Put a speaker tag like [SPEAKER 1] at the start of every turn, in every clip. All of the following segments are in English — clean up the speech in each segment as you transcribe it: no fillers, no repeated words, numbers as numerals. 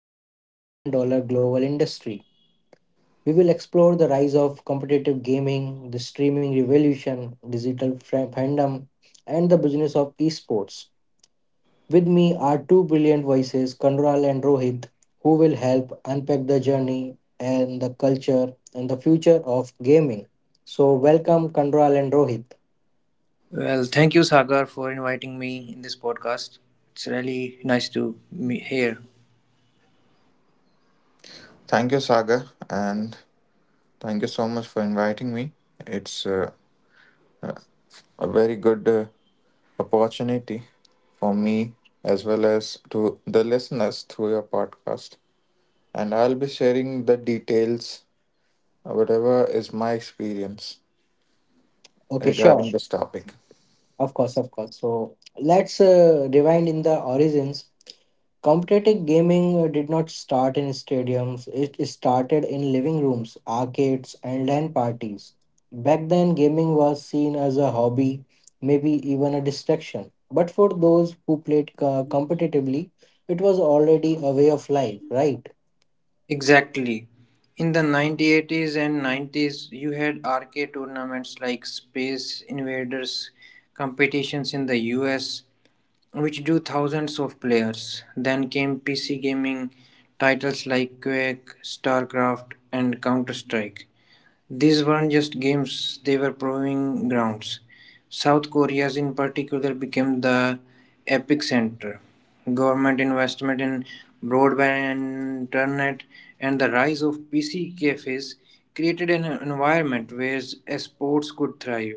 [SPEAKER 1] into billion dollar global industry. We will explore the rise of competitive gaming, the streaming revolution, digital fandom, and the business of esports. With me are two brilliant voices, Kanral and Rohit, who will help unpack the journey and the culture and the future of gaming. So, welcome, Kanral and Rohit.
[SPEAKER 2] Well, thank you, Sagar, for inviting me in this podcast. It's really nice to be here.
[SPEAKER 3] Thank you, Saga, and thank you so much for inviting me. It's a very good opportunity for me as well as to the listeners through your podcast. And I'll be sharing the details, whatever is my experience
[SPEAKER 1] Okay,
[SPEAKER 3] regarding
[SPEAKER 1] sure.
[SPEAKER 3] this topic.
[SPEAKER 1] Of course, of course. So, let's rewind in the origins. Competitive gaming did not start in stadiums, it started in living rooms, arcades, and LAN parties. Back then, gaming was seen as a hobby, maybe even a distraction. But for those who played competitively, it was already a way of life, right?
[SPEAKER 2] Exactly. In the 1980s and 90s, you had arcade tournaments like Space Invaders competitions in the US, which drew thousands of players. Then came PC gaming titles like Quake, StarCraft, and Counter Strike. These weren't just games, they were proving grounds. South Korea's in particular became the epicenter. Government investment in broadband and internet and the rise of PC cafes created an environment where sports could thrive.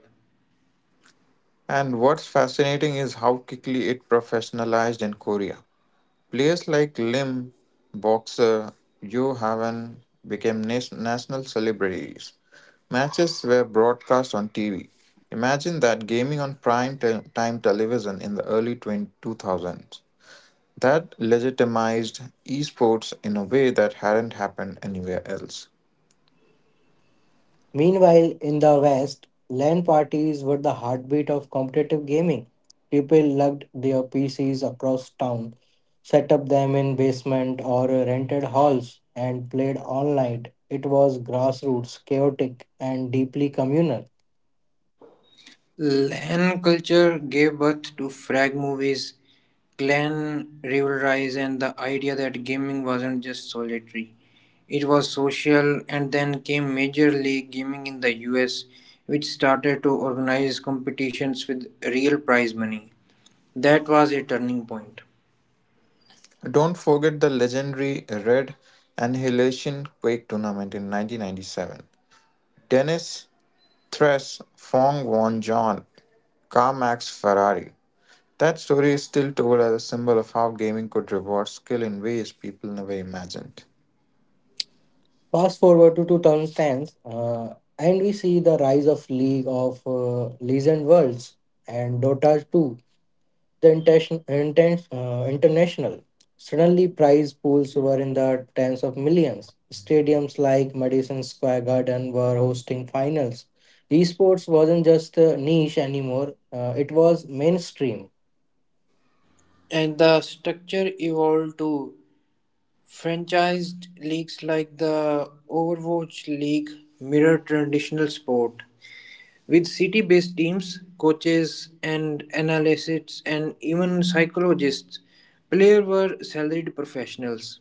[SPEAKER 3] And what's fascinating is how quickly it professionalized in Korea. Players like Lim, boxer Yo Haven became national celebrities. Matches were broadcast on TV. Imagine that gaming on prime time television in the early 20- That legitimized esports in a way that hadn't happened anywhere else.
[SPEAKER 1] Meanwhile, in the West, LAN parties were the heartbeat of competitive gaming. People lugged their PCs across town, set up them in basement or rented halls, and played all night. It was grassroots, chaotic, and deeply communal.
[SPEAKER 2] Lan culture gave birth to frag movies, clan rivalries, and the idea that gaming wasn't just solitary. It was social, and then came Major League Gaming in the US, which started to organize competitions with real prize money. That was a turning point.
[SPEAKER 3] Don't forget the legendary Red Annihilation Quake tournament in 1997. Dennis Thresh, Fong Won John, Carmax Ferrari, that story is still told as a symbol of how gaming could reward skill in ways people never imagined.
[SPEAKER 1] Fast forward to 2010, and we see the rise of League of Legend Worlds and Dota 2 the intention, international. Suddenly, prize pools were in the tens of millions. Stadiums like Madison Square Garden were hosting finals. Esports wasn't just a niche anymore, it was mainstream.
[SPEAKER 2] And the structure evolved to franchised leagues like the Overwatch League mirror traditional sport. With city-based teams, coaches and analysts and even psychologists, players were salaried professionals.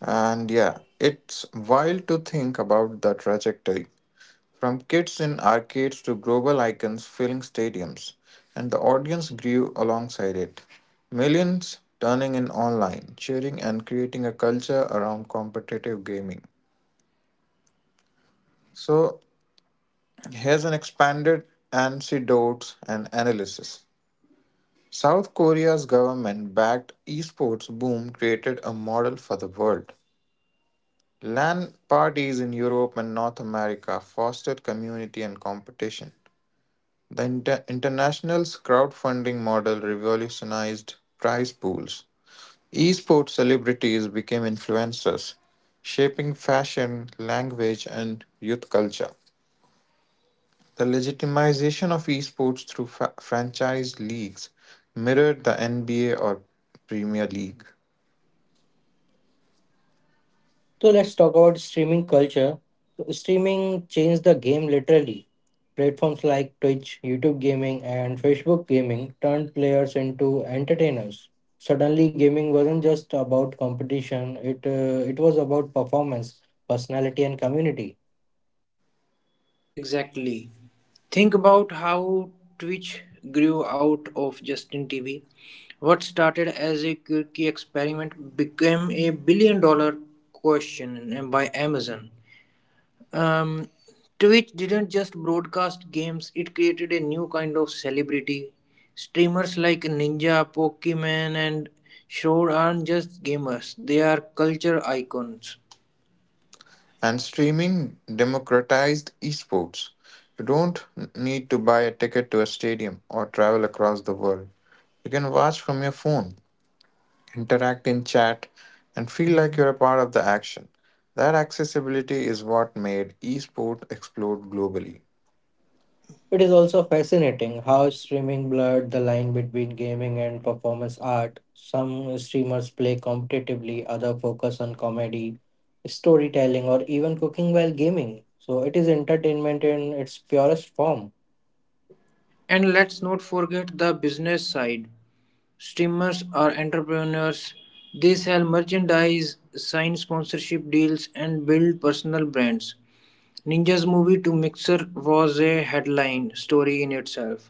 [SPEAKER 3] And yeah, it's wild to think about the trajectory. From kids in arcades to global icons filling stadiums, and the audience grew alongside it. Millions turning in online, cheering and creating a culture around competitive gaming. So here's an expanded antidote and analysis. South Korea's government backed esports boom created a model for the world. LAN parties in Europe and North America fostered community and competition. The international's crowdfunding model revolutionized prize pools. Esports celebrities became influencers, shaping fashion, language, and youth culture. The legitimization of esports through franchise leagues mirrored the NBA or Premier League.
[SPEAKER 1] So let's talk about streaming culture. So streaming changed the game literally. Platforms like Twitch, YouTube Gaming, and Facebook Gaming turned players into entertainers. Suddenly, gaming wasn't just about competition; it was about performance, personality, and community.
[SPEAKER 2] Exactly. Think about how Twitch grew out of Justin TV. What started as a quirky experiment became a $1 billion question by Amazon. Um, Twitch didn't just broadcast games, it created a new kind of celebrity. Streamers like Ninja, Pokemon, and Shroud aren't just gamers, they are culture icons.
[SPEAKER 3] And streaming democratized esports. You don't need to buy a ticket to a stadium or travel across the world. You can watch from your phone, interact in chat, and feel like you're a part of the action. That accessibility is what made esports explode globally.
[SPEAKER 1] It is also fascinating how streaming blurred the line between gaming and performance art. Some streamers play competitively, others focus on comedy, storytelling, or even cooking while gaming. So it is entertainment in its purest form.
[SPEAKER 2] And let's not forget the business side. Streamers are entrepreneurs, they sell merchandise, sign sponsorship deals, and build personal brands. Ninja's movie to Mixer was a headline story in itself,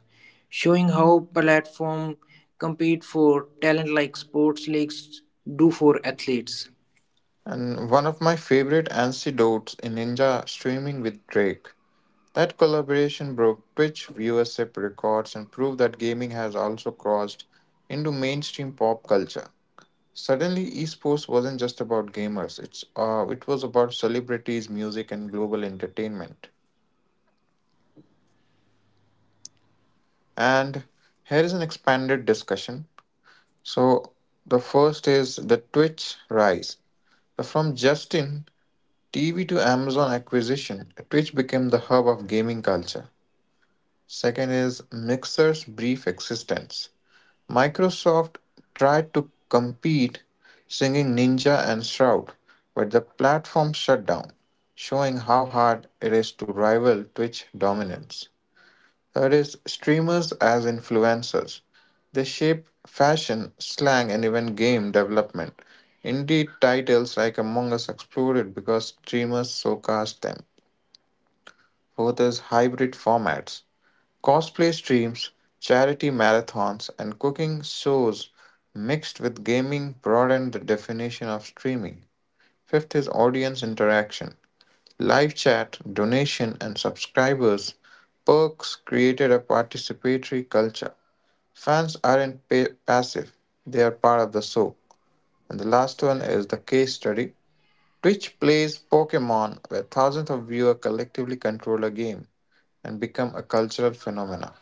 [SPEAKER 2] showing how platforms compete for talent like sports leagues do for athletes.
[SPEAKER 3] And one of my favorite anecdotes in Ninja streaming with Drake. That collaboration broke Twitch viewership records and proved that gaming has also crossed into mainstream pop culture. Suddenly, esports wasn't just about gamers. It was about celebrities, music, and global entertainment. And here is an expanded discussion. So the first is the Twitch rise. So from Justin TV to Amazon acquisition, Twitch became the hub of gaming culture. Second is Mixer's brief existence. Microsoft tried to compete singing Ninja and Shroud, but the platform shut down, showing how hard it is to rival Twitch dominance. Third is streamers as influencers. They shape fashion, slang, and even game development. Indeed, titles like Among Us exploded because streamers so cast them. Fourth is hybrid formats. Cosplay streams, charity marathons, and cooking shows mixed with gaming broaden the definition of streaming. Fifth is audience interaction. Live chat, donation, and subscribers perks created a participatory culture. Fans aren't passive, they are part of the show. And the last one is the case study. Twitch plays Pokemon, where thousands of viewers collectively control a game and become a cultural phenomena.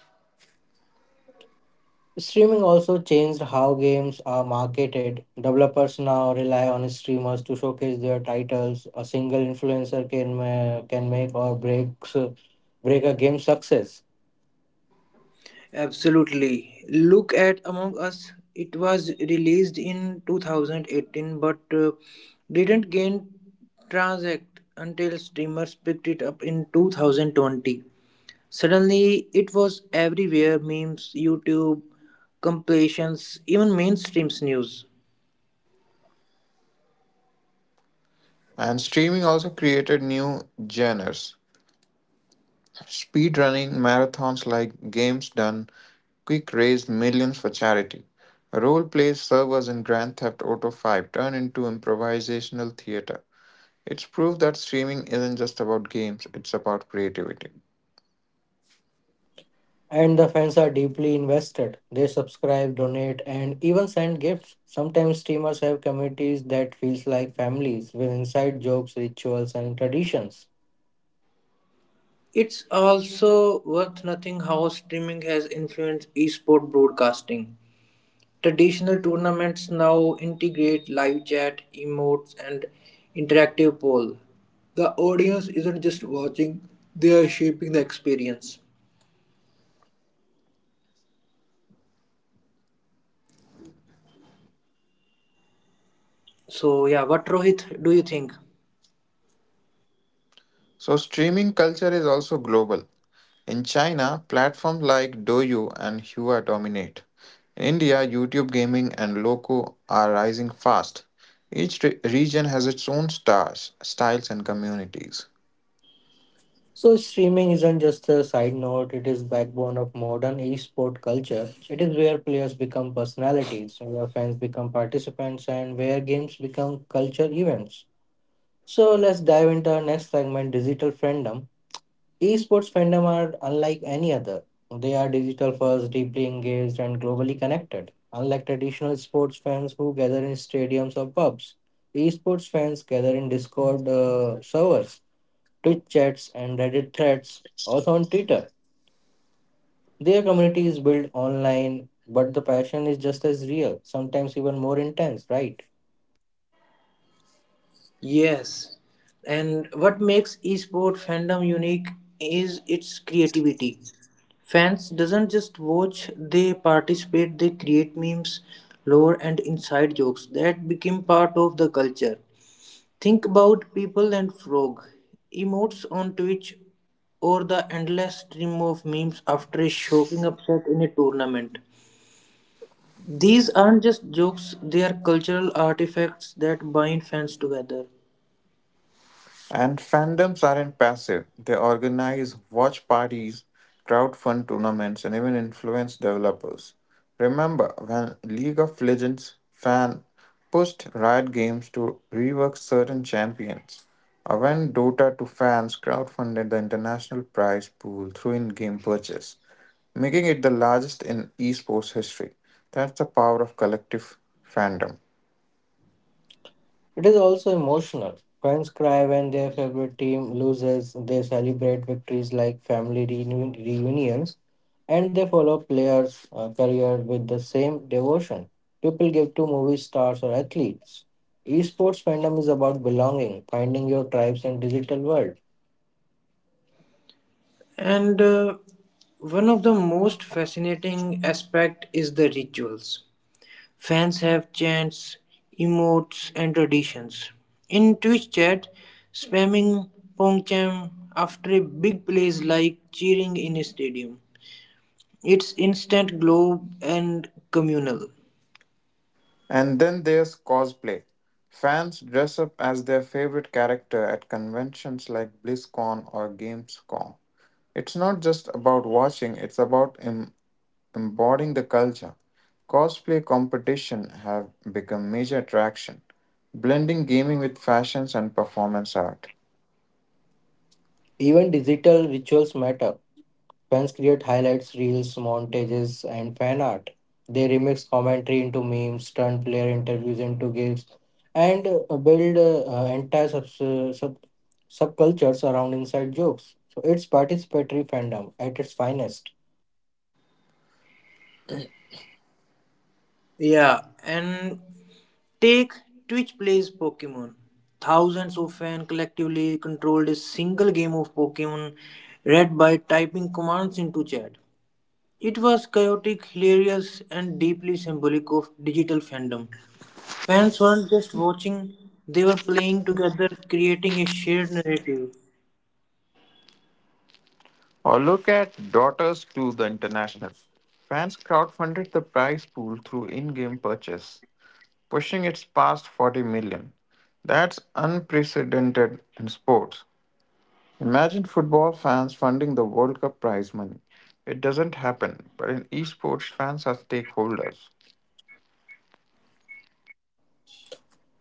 [SPEAKER 1] Streaming also changed how games are marketed. Developers now rely on streamers to showcase their titles. A single influencer can make or break a game's success.
[SPEAKER 2] Absolutely. Look at Among Us. It was released in 2018 but didn't gain transact until streamers picked it up in 2020. Suddenly, it was everywhere memes, YouTube, compilations, even mainstream news.
[SPEAKER 3] And streaming also created new genres. Speedrunning marathons like Games Done Quick raised millions for charity. Role plays servers in Grand Theft Auto 5 turned into improvisational theater. It's proof that streaming isn't just about games, it's about creativity.
[SPEAKER 1] And the fans are deeply invested. They subscribe, donate, and even send gifts. Sometimes streamers have communities that feels like families with inside jokes, rituals, and traditions.
[SPEAKER 2] It's also worth noting how streaming has influenced esport broadcasting. Traditional tournaments now integrate live chat, emotes, and interactive poll. The audience isn't just watching, they are shaping the experience. So, yeah, what Rohit do you think?
[SPEAKER 3] So, streaming culture is also global. In China, platforms like Douyu and Hua dominate. In India, YouTube Gaming and Loco are rising fast. Each region has its own stars, styles, and communities.
[SPEAKER 1] So streaming isn't just a side note, it is backbone of modern esport culture. It is where players become personalities, where fans become participants, and where games become culture events. So let's dive into our next segment, digital fandom. Esports fandom are unlike any other. They are digital first, deeply engaged, and globally connected. Unlike traditional sports fans who gather in stadiums or pubs, esports fans gather in Discord servers, Twitch chats, and Reddit threads, also on Twitter. Their community is built online, but the passion is just as real, sometimes even more intense, right?
[SPEAKER 2] Yes. And what makes esport fandom unique is its creativity. Fans doesn't just watch, they participate, they create memes, lore and inside jokes that became part of the culture. Think about people and frog, emotes on Twitch or the endless stream of memes after a shocking upset in a tournament. These aren't just jokes, they are cultural artifacts that bind fans together.
[SPEAKER 3] And fandoms aren't passive. They organize watch parties, crowdfund tournaments, and even influence developers. Remember when League of Legends fan pushed Riot Games to rework certain champions, or when Dota 2 fans crowdfunded the international prize pool through in-game purchase, making it the largest in esports history. That's the power of collective fandom.
[SPEAKER 1] It is also emotional. Fans cry when their favorite team loses, they celebrate victories like family reunions, and they follow players' career with the same devotion people give to movie stars or athletes. Esports fandom is about belonging, finding your tribes in digital world.
[SPEAKER 2] And One of the most fascinating aspect is the rituals. Fans have chants, emotes, and traditions. In Twitch chat, spamming pongcham after a big play is like cheering in a stadium. It's instant glow and communal.
[SPEAKER 3] And then there's cosplay. Fans dress up as their favorite character at conventions like BlizzCon or GamesCon. It's not just about watching, it's about embodying the culture. Cosplay competition have become major attraction, blending gaming with fashions and performance art.
[SPEAKER 1] Even digital rituals matter. Fans create highlights, reels, montages, and fan art. They remix commentary into memes, turn player interviews into GIFs, and build entire subcultures around inside jokes. So it's participatory fandom at its finest.
[SPEAKER 2] Yeah, and take Twitch Plays Pokemon. Thousands of fans collectively controlled a single game of Pokemon read by typing commands into chat. It was chaotic, hilarious, and deeply symbolic of digital fandom. Fans weren't just watching, they were playing together, creating a shared narrative.
[SPEAKER 3] Or look at Daughters to the International. Fans crowdfunded the prize pool through in-game purchase pushing its past 40 million. That's unprecedented in sports. Imagine football fans funding the World Cup prize money. It doesn't happen, but in esports, fans are stakeholders.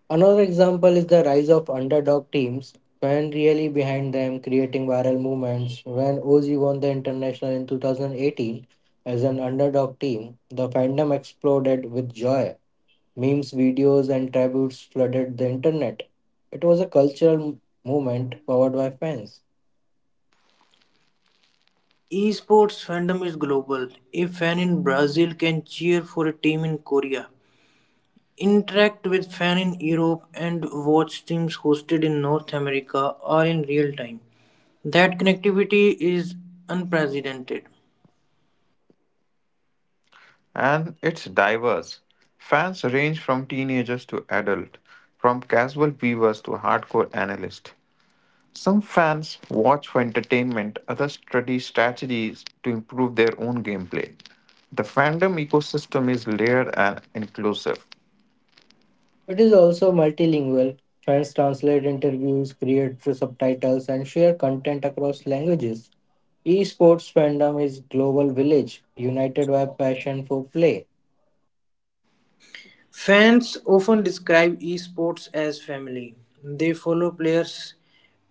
[SPEAKER 1] Another example is the rise of underdog teams when really behind them creating viral movements. When OZ won the international in 2018 as an underdog team, the fandom exploded with joy. Memes, videos, and tributes flooded the internet. It was a cultural movement powered by fans.
[SPEAKER 2] Esports fandom is global. A fan in Brazil can cheer for a team in Korea, interact with fans in Europe and watch teams hosted in North America are in real time. That connectivity is unprecedented.
[SPEAKER 3] And it's diverse. Fans range from teenagers to adult, from casual viewers to hardcore analysts. Some fans watch for entertainment, others study strategies to improve their own gameplay. The fandom ecosystem is layered and inclusive.
[SPEAKER 1] It is also multilingual. Fans translate interviews, create subtitles, and share content across languages. Esports fandom is global village united by passion for play.
[SPEAKER 2] Fans often describe esports as family. They follow players'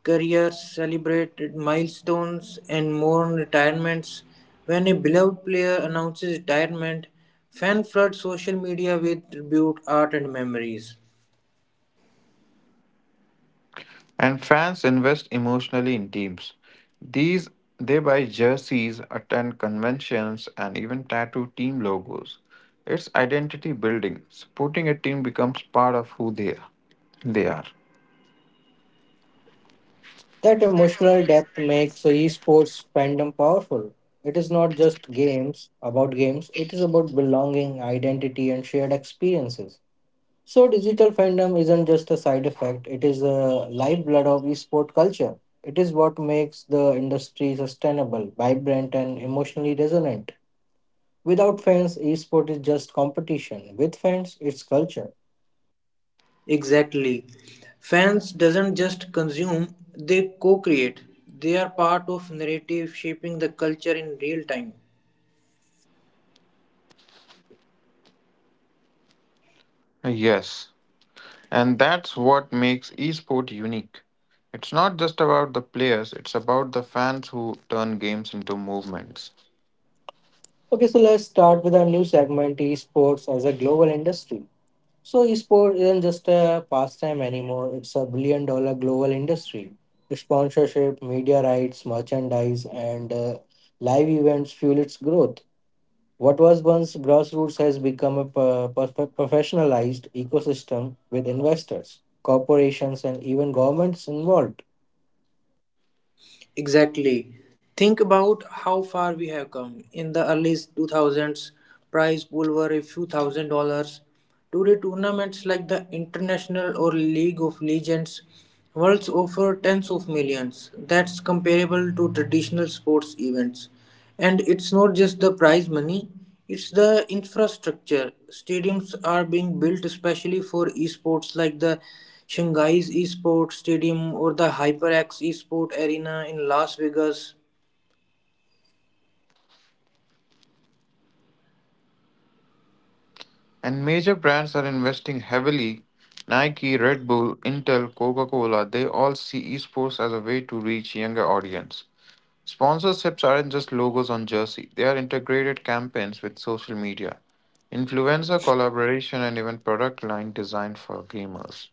[SPEAKER 2] careers, celebrate milestones, and mourn retirements. When a beloved player announces retirement, fans flood social media with tribute art and memories.
[SPEAKER 3] And fans invest emotionally in teams. These they buy jerseys, attend conventions, and even tattoo team logos. It's identity building. Supporting a team becomes part of who they are. They are.
[SPEAKER 1] That emotional depth makes esports fandom powerful. It is not just games about games, it is about belonging, identity, and shared experiences. So, digital fandom isn't just a side effect, it is a lifeblood of esport culture. It is what makes the industry sustainable, vibrant, and emotionally resonant. Without fans, esport is just competition. With fans, it's culture.
[SPEAKER 2] Exactly. Fans doesn't just consume, they co-create. They are part of narrative shaping the culture in real time.
[SPEAKER 3] Yes, and that's what makes esport unique. It's not just about the players, it's about the fans who turn games into movements.
[SPEAKER 1] Okay, so let's start with our new segment esports as a global industry. So, esports isn't just a pastime anymore, it's a billion dollar global industry. Sponsorship, media rights, merchandise, and live events fuel its growth. What was once grassroots has become a professionalized ecosystem with investors, corporations, and even governments involved.
[SPEAKER 2] Exactly. Think about how far we have come. In the early 2000s, prize pool were a few thousand dollars. Today, tournaments like the International or League of Legends worlds offer tens of millions. That's comparable to traditional sports events. And it's not just the prize money, it's the infrastructure. Stadiums are being built especially for esports, like the Shanghai's Esports Stadium or the HyperX Esport Arena in Las Vegas.
[SPEAKER 3] And major brands are investing heavily. Nike, Red Bull, Intel, Coca Cola, they all see esports as a way to reach younger audience. Sponsorships aren't just logos on jersey, they are integrated campaigns with social media, influencer collaboration, and even product line designed for gamers.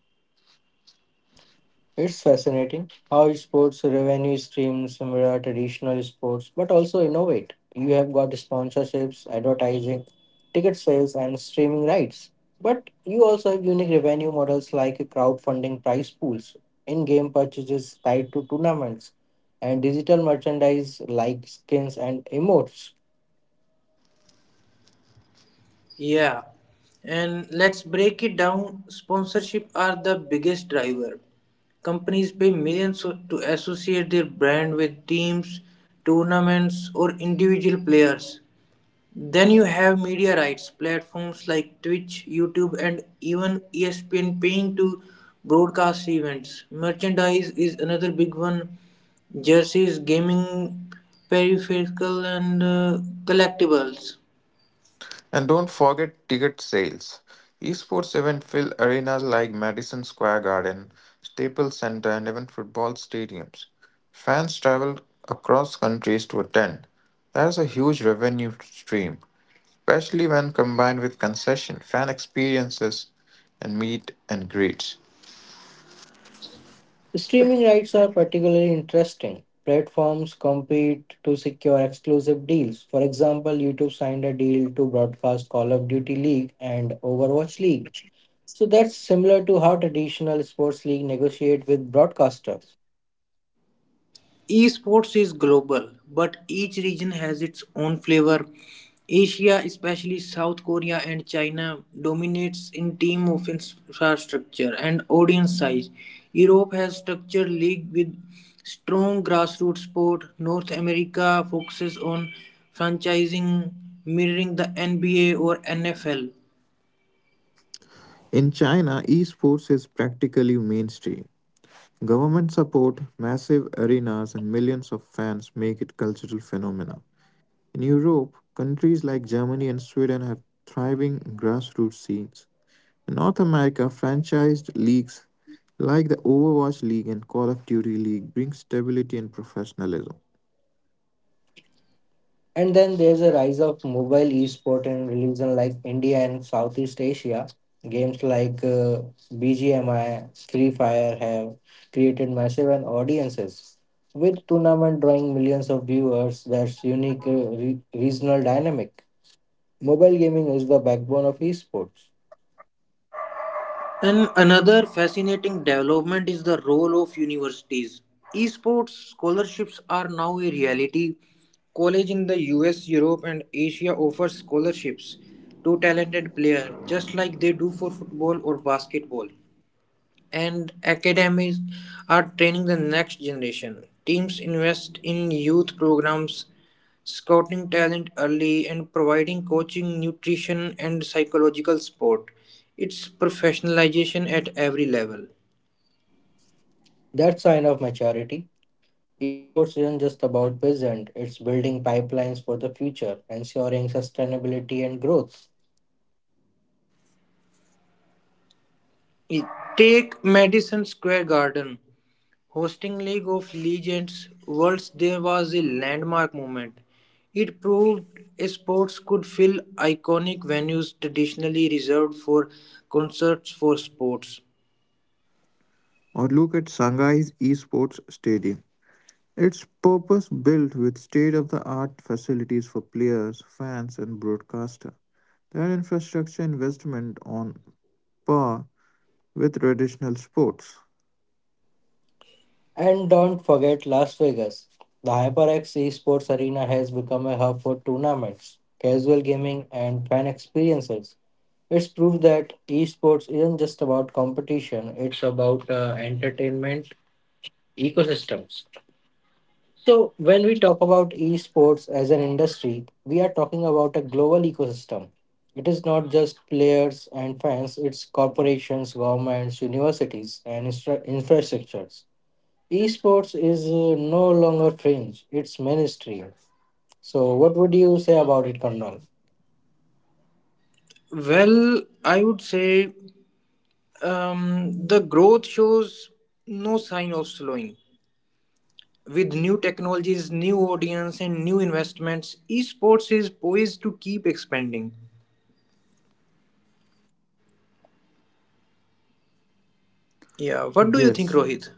[SPEAKER 1] It's fascinating how sports revenue streams mirror traditional sports but also innovate. You have got sponsorships, advertising, ticket sales, and streaming rights. But you also have unique revenue models like crowdfunding prize pools, in game purchases tied to tournaments, and digital merchandise like skins and emotes.
[SPEAKER 2] Yeah. And let's break it down. Sponsorship are the biggest driver. Companies pay millions to associate their brand with teams, tournaments, or individual players. Then you have media rights, platforms like Twitch, YouTube, and even ESPN paying to broadcast events. Merchandise is another big one jerseys, gaming, peripherals, and collectibles.
[SPEAKER 3] And don't forget ticket sales. Esports events fill arenas like Madison Square Garden, Staples Center, and even football stadiums. Fans travel across countries to attend. That's a huge revenue stream, especially when combined with concession, fan experiences, and meet and greets.
[SPEAKER 1] Streaming rights are particularly interesting. Platforms compete to secure exclusive deals. For example, YouTube signed a deal to broadcast Call of Duty League and Overwatch League. So that's similar to how traditional sports league negotiate with broadcasters.
[SPEAKER 2] Esports is global, but each region has its own flavor. Asia, especially South Korea and China, dominates in team of infrastructure and audience size. Europe has structured league with strong grassroots sport. North America focuses on franchising, mirroring the NBA or NFL.
[SPEAKER 3] In China, esports is practically mainstream. Government support, massive arenas, and millions of fans make it cultural phenomena. In Europe, countries like Germany and Sweden have thriving grassroots scenes. In North America, franchised leagues like the Overwatch League and Call of Duty League bring stability and professionalism.
[SPEAKER 1] And then there's a rise of mobile esport in regions like India and Southeast Asia. Games like BGMI, Free Fire have created massive and audiences, with tournament drawing millions of viewers. That's unique regional dynamic. Mobile gaming is the backbone of esports.
[SPEAKER 2] And another fascinating development is the role of universities. Esports scholarships are now a reality. College in the US, Europe, and Asia offers scholarships to talented players, just like they do for football or basketball. And academies are training the next generation. Teams invest in youth programs, scouting talent early, and providing coaching, nutrition, and psychological support. It's professionalization at every level.
[SPEAKER 1] That sign of maturity. Esports isn't just about present; it's building pipelines for the future, ensuring sustainability and growth.
[SPEAKER 2] Take Madison Square Garden. Hosting League of Legends Worlds there was a landmark moment. It proved sports could fill iconic venues traditionally reserved for concerts for sports.
[SPEAKER 3] Or look at Shanghai's esports stadium. It's purpose built with state of the art facilities for players, fans, and broadcaster. Their infrastructure investment on par with traditional sports.
[SPEAKER 1] And don't forget Las Vegas. The HyperX Esports Arena has become a hub for tournaments, casual gaming, and fan experiences. It's proof that esports isn't just about competition, it's about entertainment ecosystems. So, when we talk about esports as an industry, we are talking about a global ecosystem. It is not just players and fans, it's corporations, governments, universities, and infrastructures. Esports is no longer fringe, it's mainstream. So, what would you say about it, Kondal?
[SPEAKER 2] Well, I would say the growth shows no sign of slowing. With new technologies, new audience, and new investments, esports is poised to keep expanding. Yeah, what do you think,
[SPEAKER 3] Yes,
[SPEAKER 2] Rohit?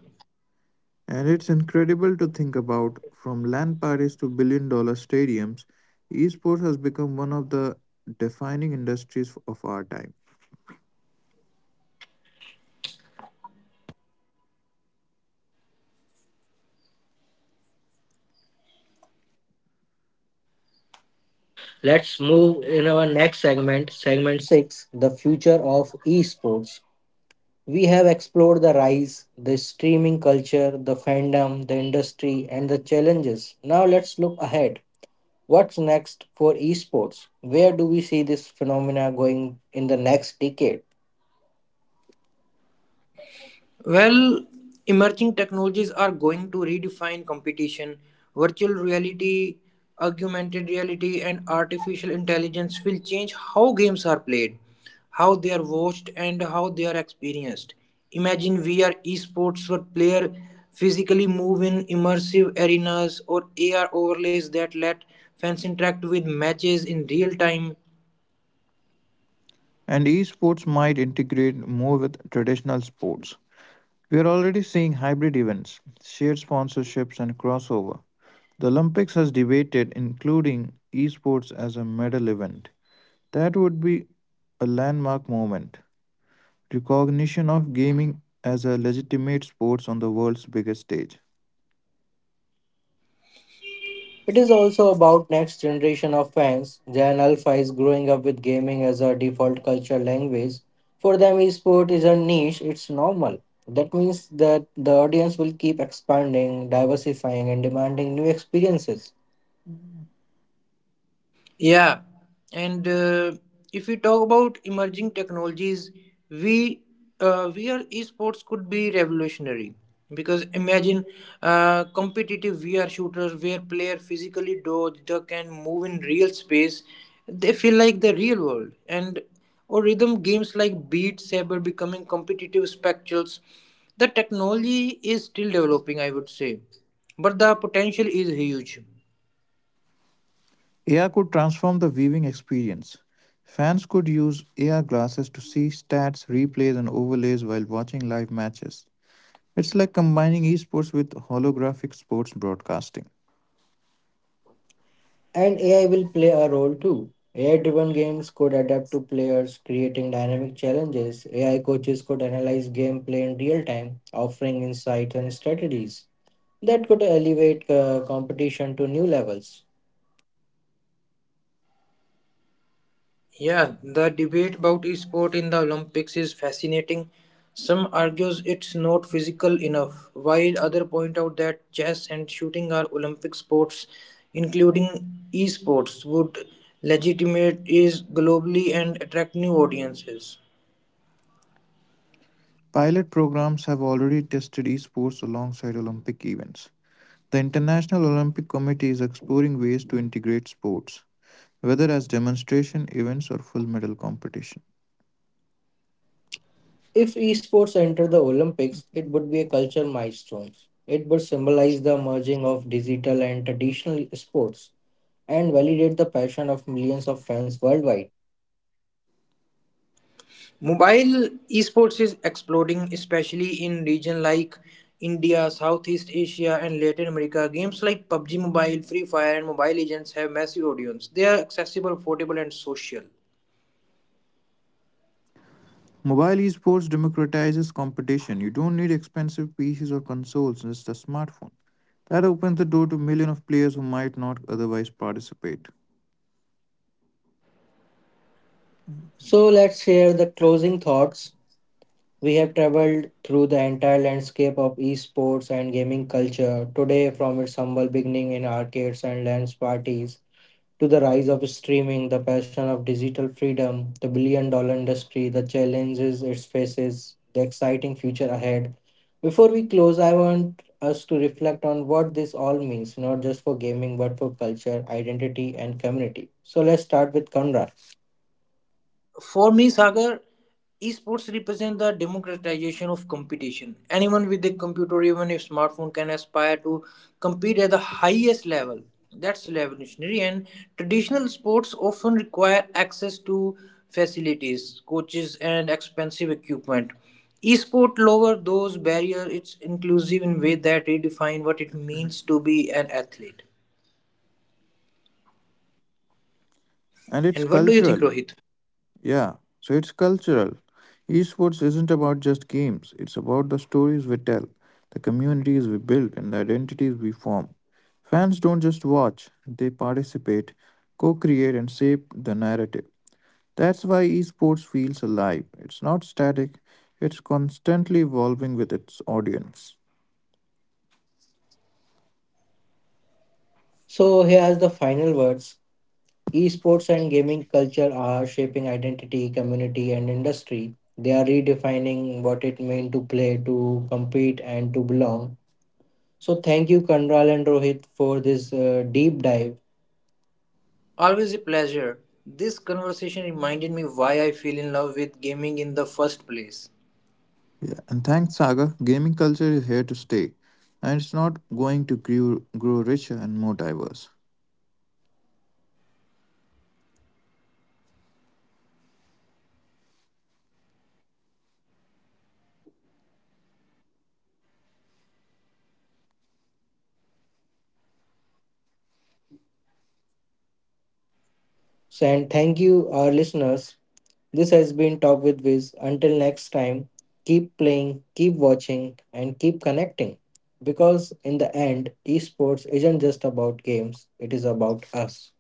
[SPEAKER 3] and it's incredible to think about from land parties to billion-dollar stadiums, esports has become one of the defining industries of our time.
[SPEAKER 1] Let's move in our next segment, segment 6, the future of esports. We have explored the rise, the streaming culture, the fandom, the industry, and the challenges. Now, let's look ahead. What's next for esports? Where do we see this phenomena going in the next decade?
[SPEAKER 2] Well, emerging technologies are going to redefine competition. Virtual reality, augmented reality, and artificial intelligence will change how games are played, how they are watched, and how they are experienced. Imagine VR esports where players physically move in immersive arenas or AR overlays that let fans interact with matches in real time.
[SPEAKER 3] And esports might integrate more with traditional sports. We are already seeing hybrid events, shared sponsorships, and crossover. The Olympics has debated including esports as a medal event. That would be a landmark moment. Recognition of gaming as a legitimate sports on the world's biggest stage.
[SPEAKER 1] It is also about next generation of fans. Gen Alpha is growing up with gaming as a default culture language. For them, esport isn't niche, it's normal. That means that the audience will keep expanding, diversifying, and demanding new experiences.
[SPEAKER 2] Yeah, and If we talk about emerging technologies, we VR esports could be revolutionary because imagine competitive VR shooters where player physically dodge, duck, and move in real space. They feel like the real world, and or rhythm games like Beat Saber becoming competitive spectacles. The technology is still developing, I would say, but the potential is huge.
[SPEAKER 3] AR could transform the viewing experience. Fans could use AR glasses to see stats, replays, and overlays while watching live matches. It's like combining esports with holographic sports broadcasting.
[SPEAKER 1] And AI will play a role too. AI driven games could adapt to players, creating dynamic challenges. AI coaches could analyze gameplay in real time, offering insights and strategies that could elevate competition to new levels.
[SPEAKER 2] Yeah, the debate about e-sport in the Olympics is fascinating. Some argues it's not physical enough, while others point out that chess and shooting are Olympic sports, including e-sports would legitimate is globally and attract new audiences.
[SPEAKER 3] Pilot programs have already tested esports alongside Olympic events. The International Olympic Committee is exploring ways to integrate sports, whether as demonstration events or full medal competition.
[SPEAKER 1] If esports enter the Olympics, it would be a culture milestone. It would symbolize the merging of digital and traditional sports and validate the passion of millions of fans worldwide.
[SPEAKER 2] Mobile esports is exploding, especially in regions like India, Southeast Asia, and Latin America. Games like PUBG Mobile, Free Fire, and Mobile Legends have massive audience. They are accessible, portable, and social.
[SPEAKER 3] Mobile esports democratizes competition. You don't need expensive PCs or consoles, just a smartphone. That opens the door to millions of players who might not otherwise participate.
[SPEAKER 1] So let's share the closing thoughts. We have traveled through the entire landscape of esports and gaming culture today from its humble beginning in arcades and dance parties to the rise of streaming, the passion of digital freedom, the billion dollar industry, the challenges it faces, the exciting future ahead. Before we close, I want us to reflect on what this all means, not just for gaming, but for culture, identity, and community. So let's start with Conrad.
[SPEAKER 2] For me, Sagar, esports represent the democratization of competition. Anyone with a computer, even a smartphone, can aspire to compete at the highest level. That's revolutionary, and traditional sports often require access to facilities, coaches, and expensive equipment. Esport lower those barriers. It's inclusive in way that redefine what it means to be an athlete.
[SPEAKER 3] And it's
[SPEAKER 2] And what do you
[SPEAKER 3] cultural.
[SPEAKER 2] think, Rohit?
[SPEAKER 3] Yeah, so it's cultural. Esports isn't about just games, it's about the stories we tell, the communities we build, and the identities we form. Fans don't just watch, they participate, co create, and shape the narrative. That's why esports feels alive. It's not static, it's constantly evolving with its audience.
[SPEAKER 1] So here are the final words. Esports and gaming culture are shaping identity, community, and industry. They are redefining what it means to play, to compete, and to belong. So thank you, Kandral and Rohit, for this deep dive.
[SPEAKER 2] Always a pleasure. This conversation reminded me why I fell in love with gaming in the first place.
[SPEAKER 3] Yeah, and thanks, Saga. Gaming culture is here to stay, and it's not going to grow, grow richer and more diverse.
[SPEAKER 1] So and thank you, our listeners. This has been Talk with Viz. Until next time, keep playing, keep watching, and keep connecting. Because in the end, esports isn't just about games; it is about us.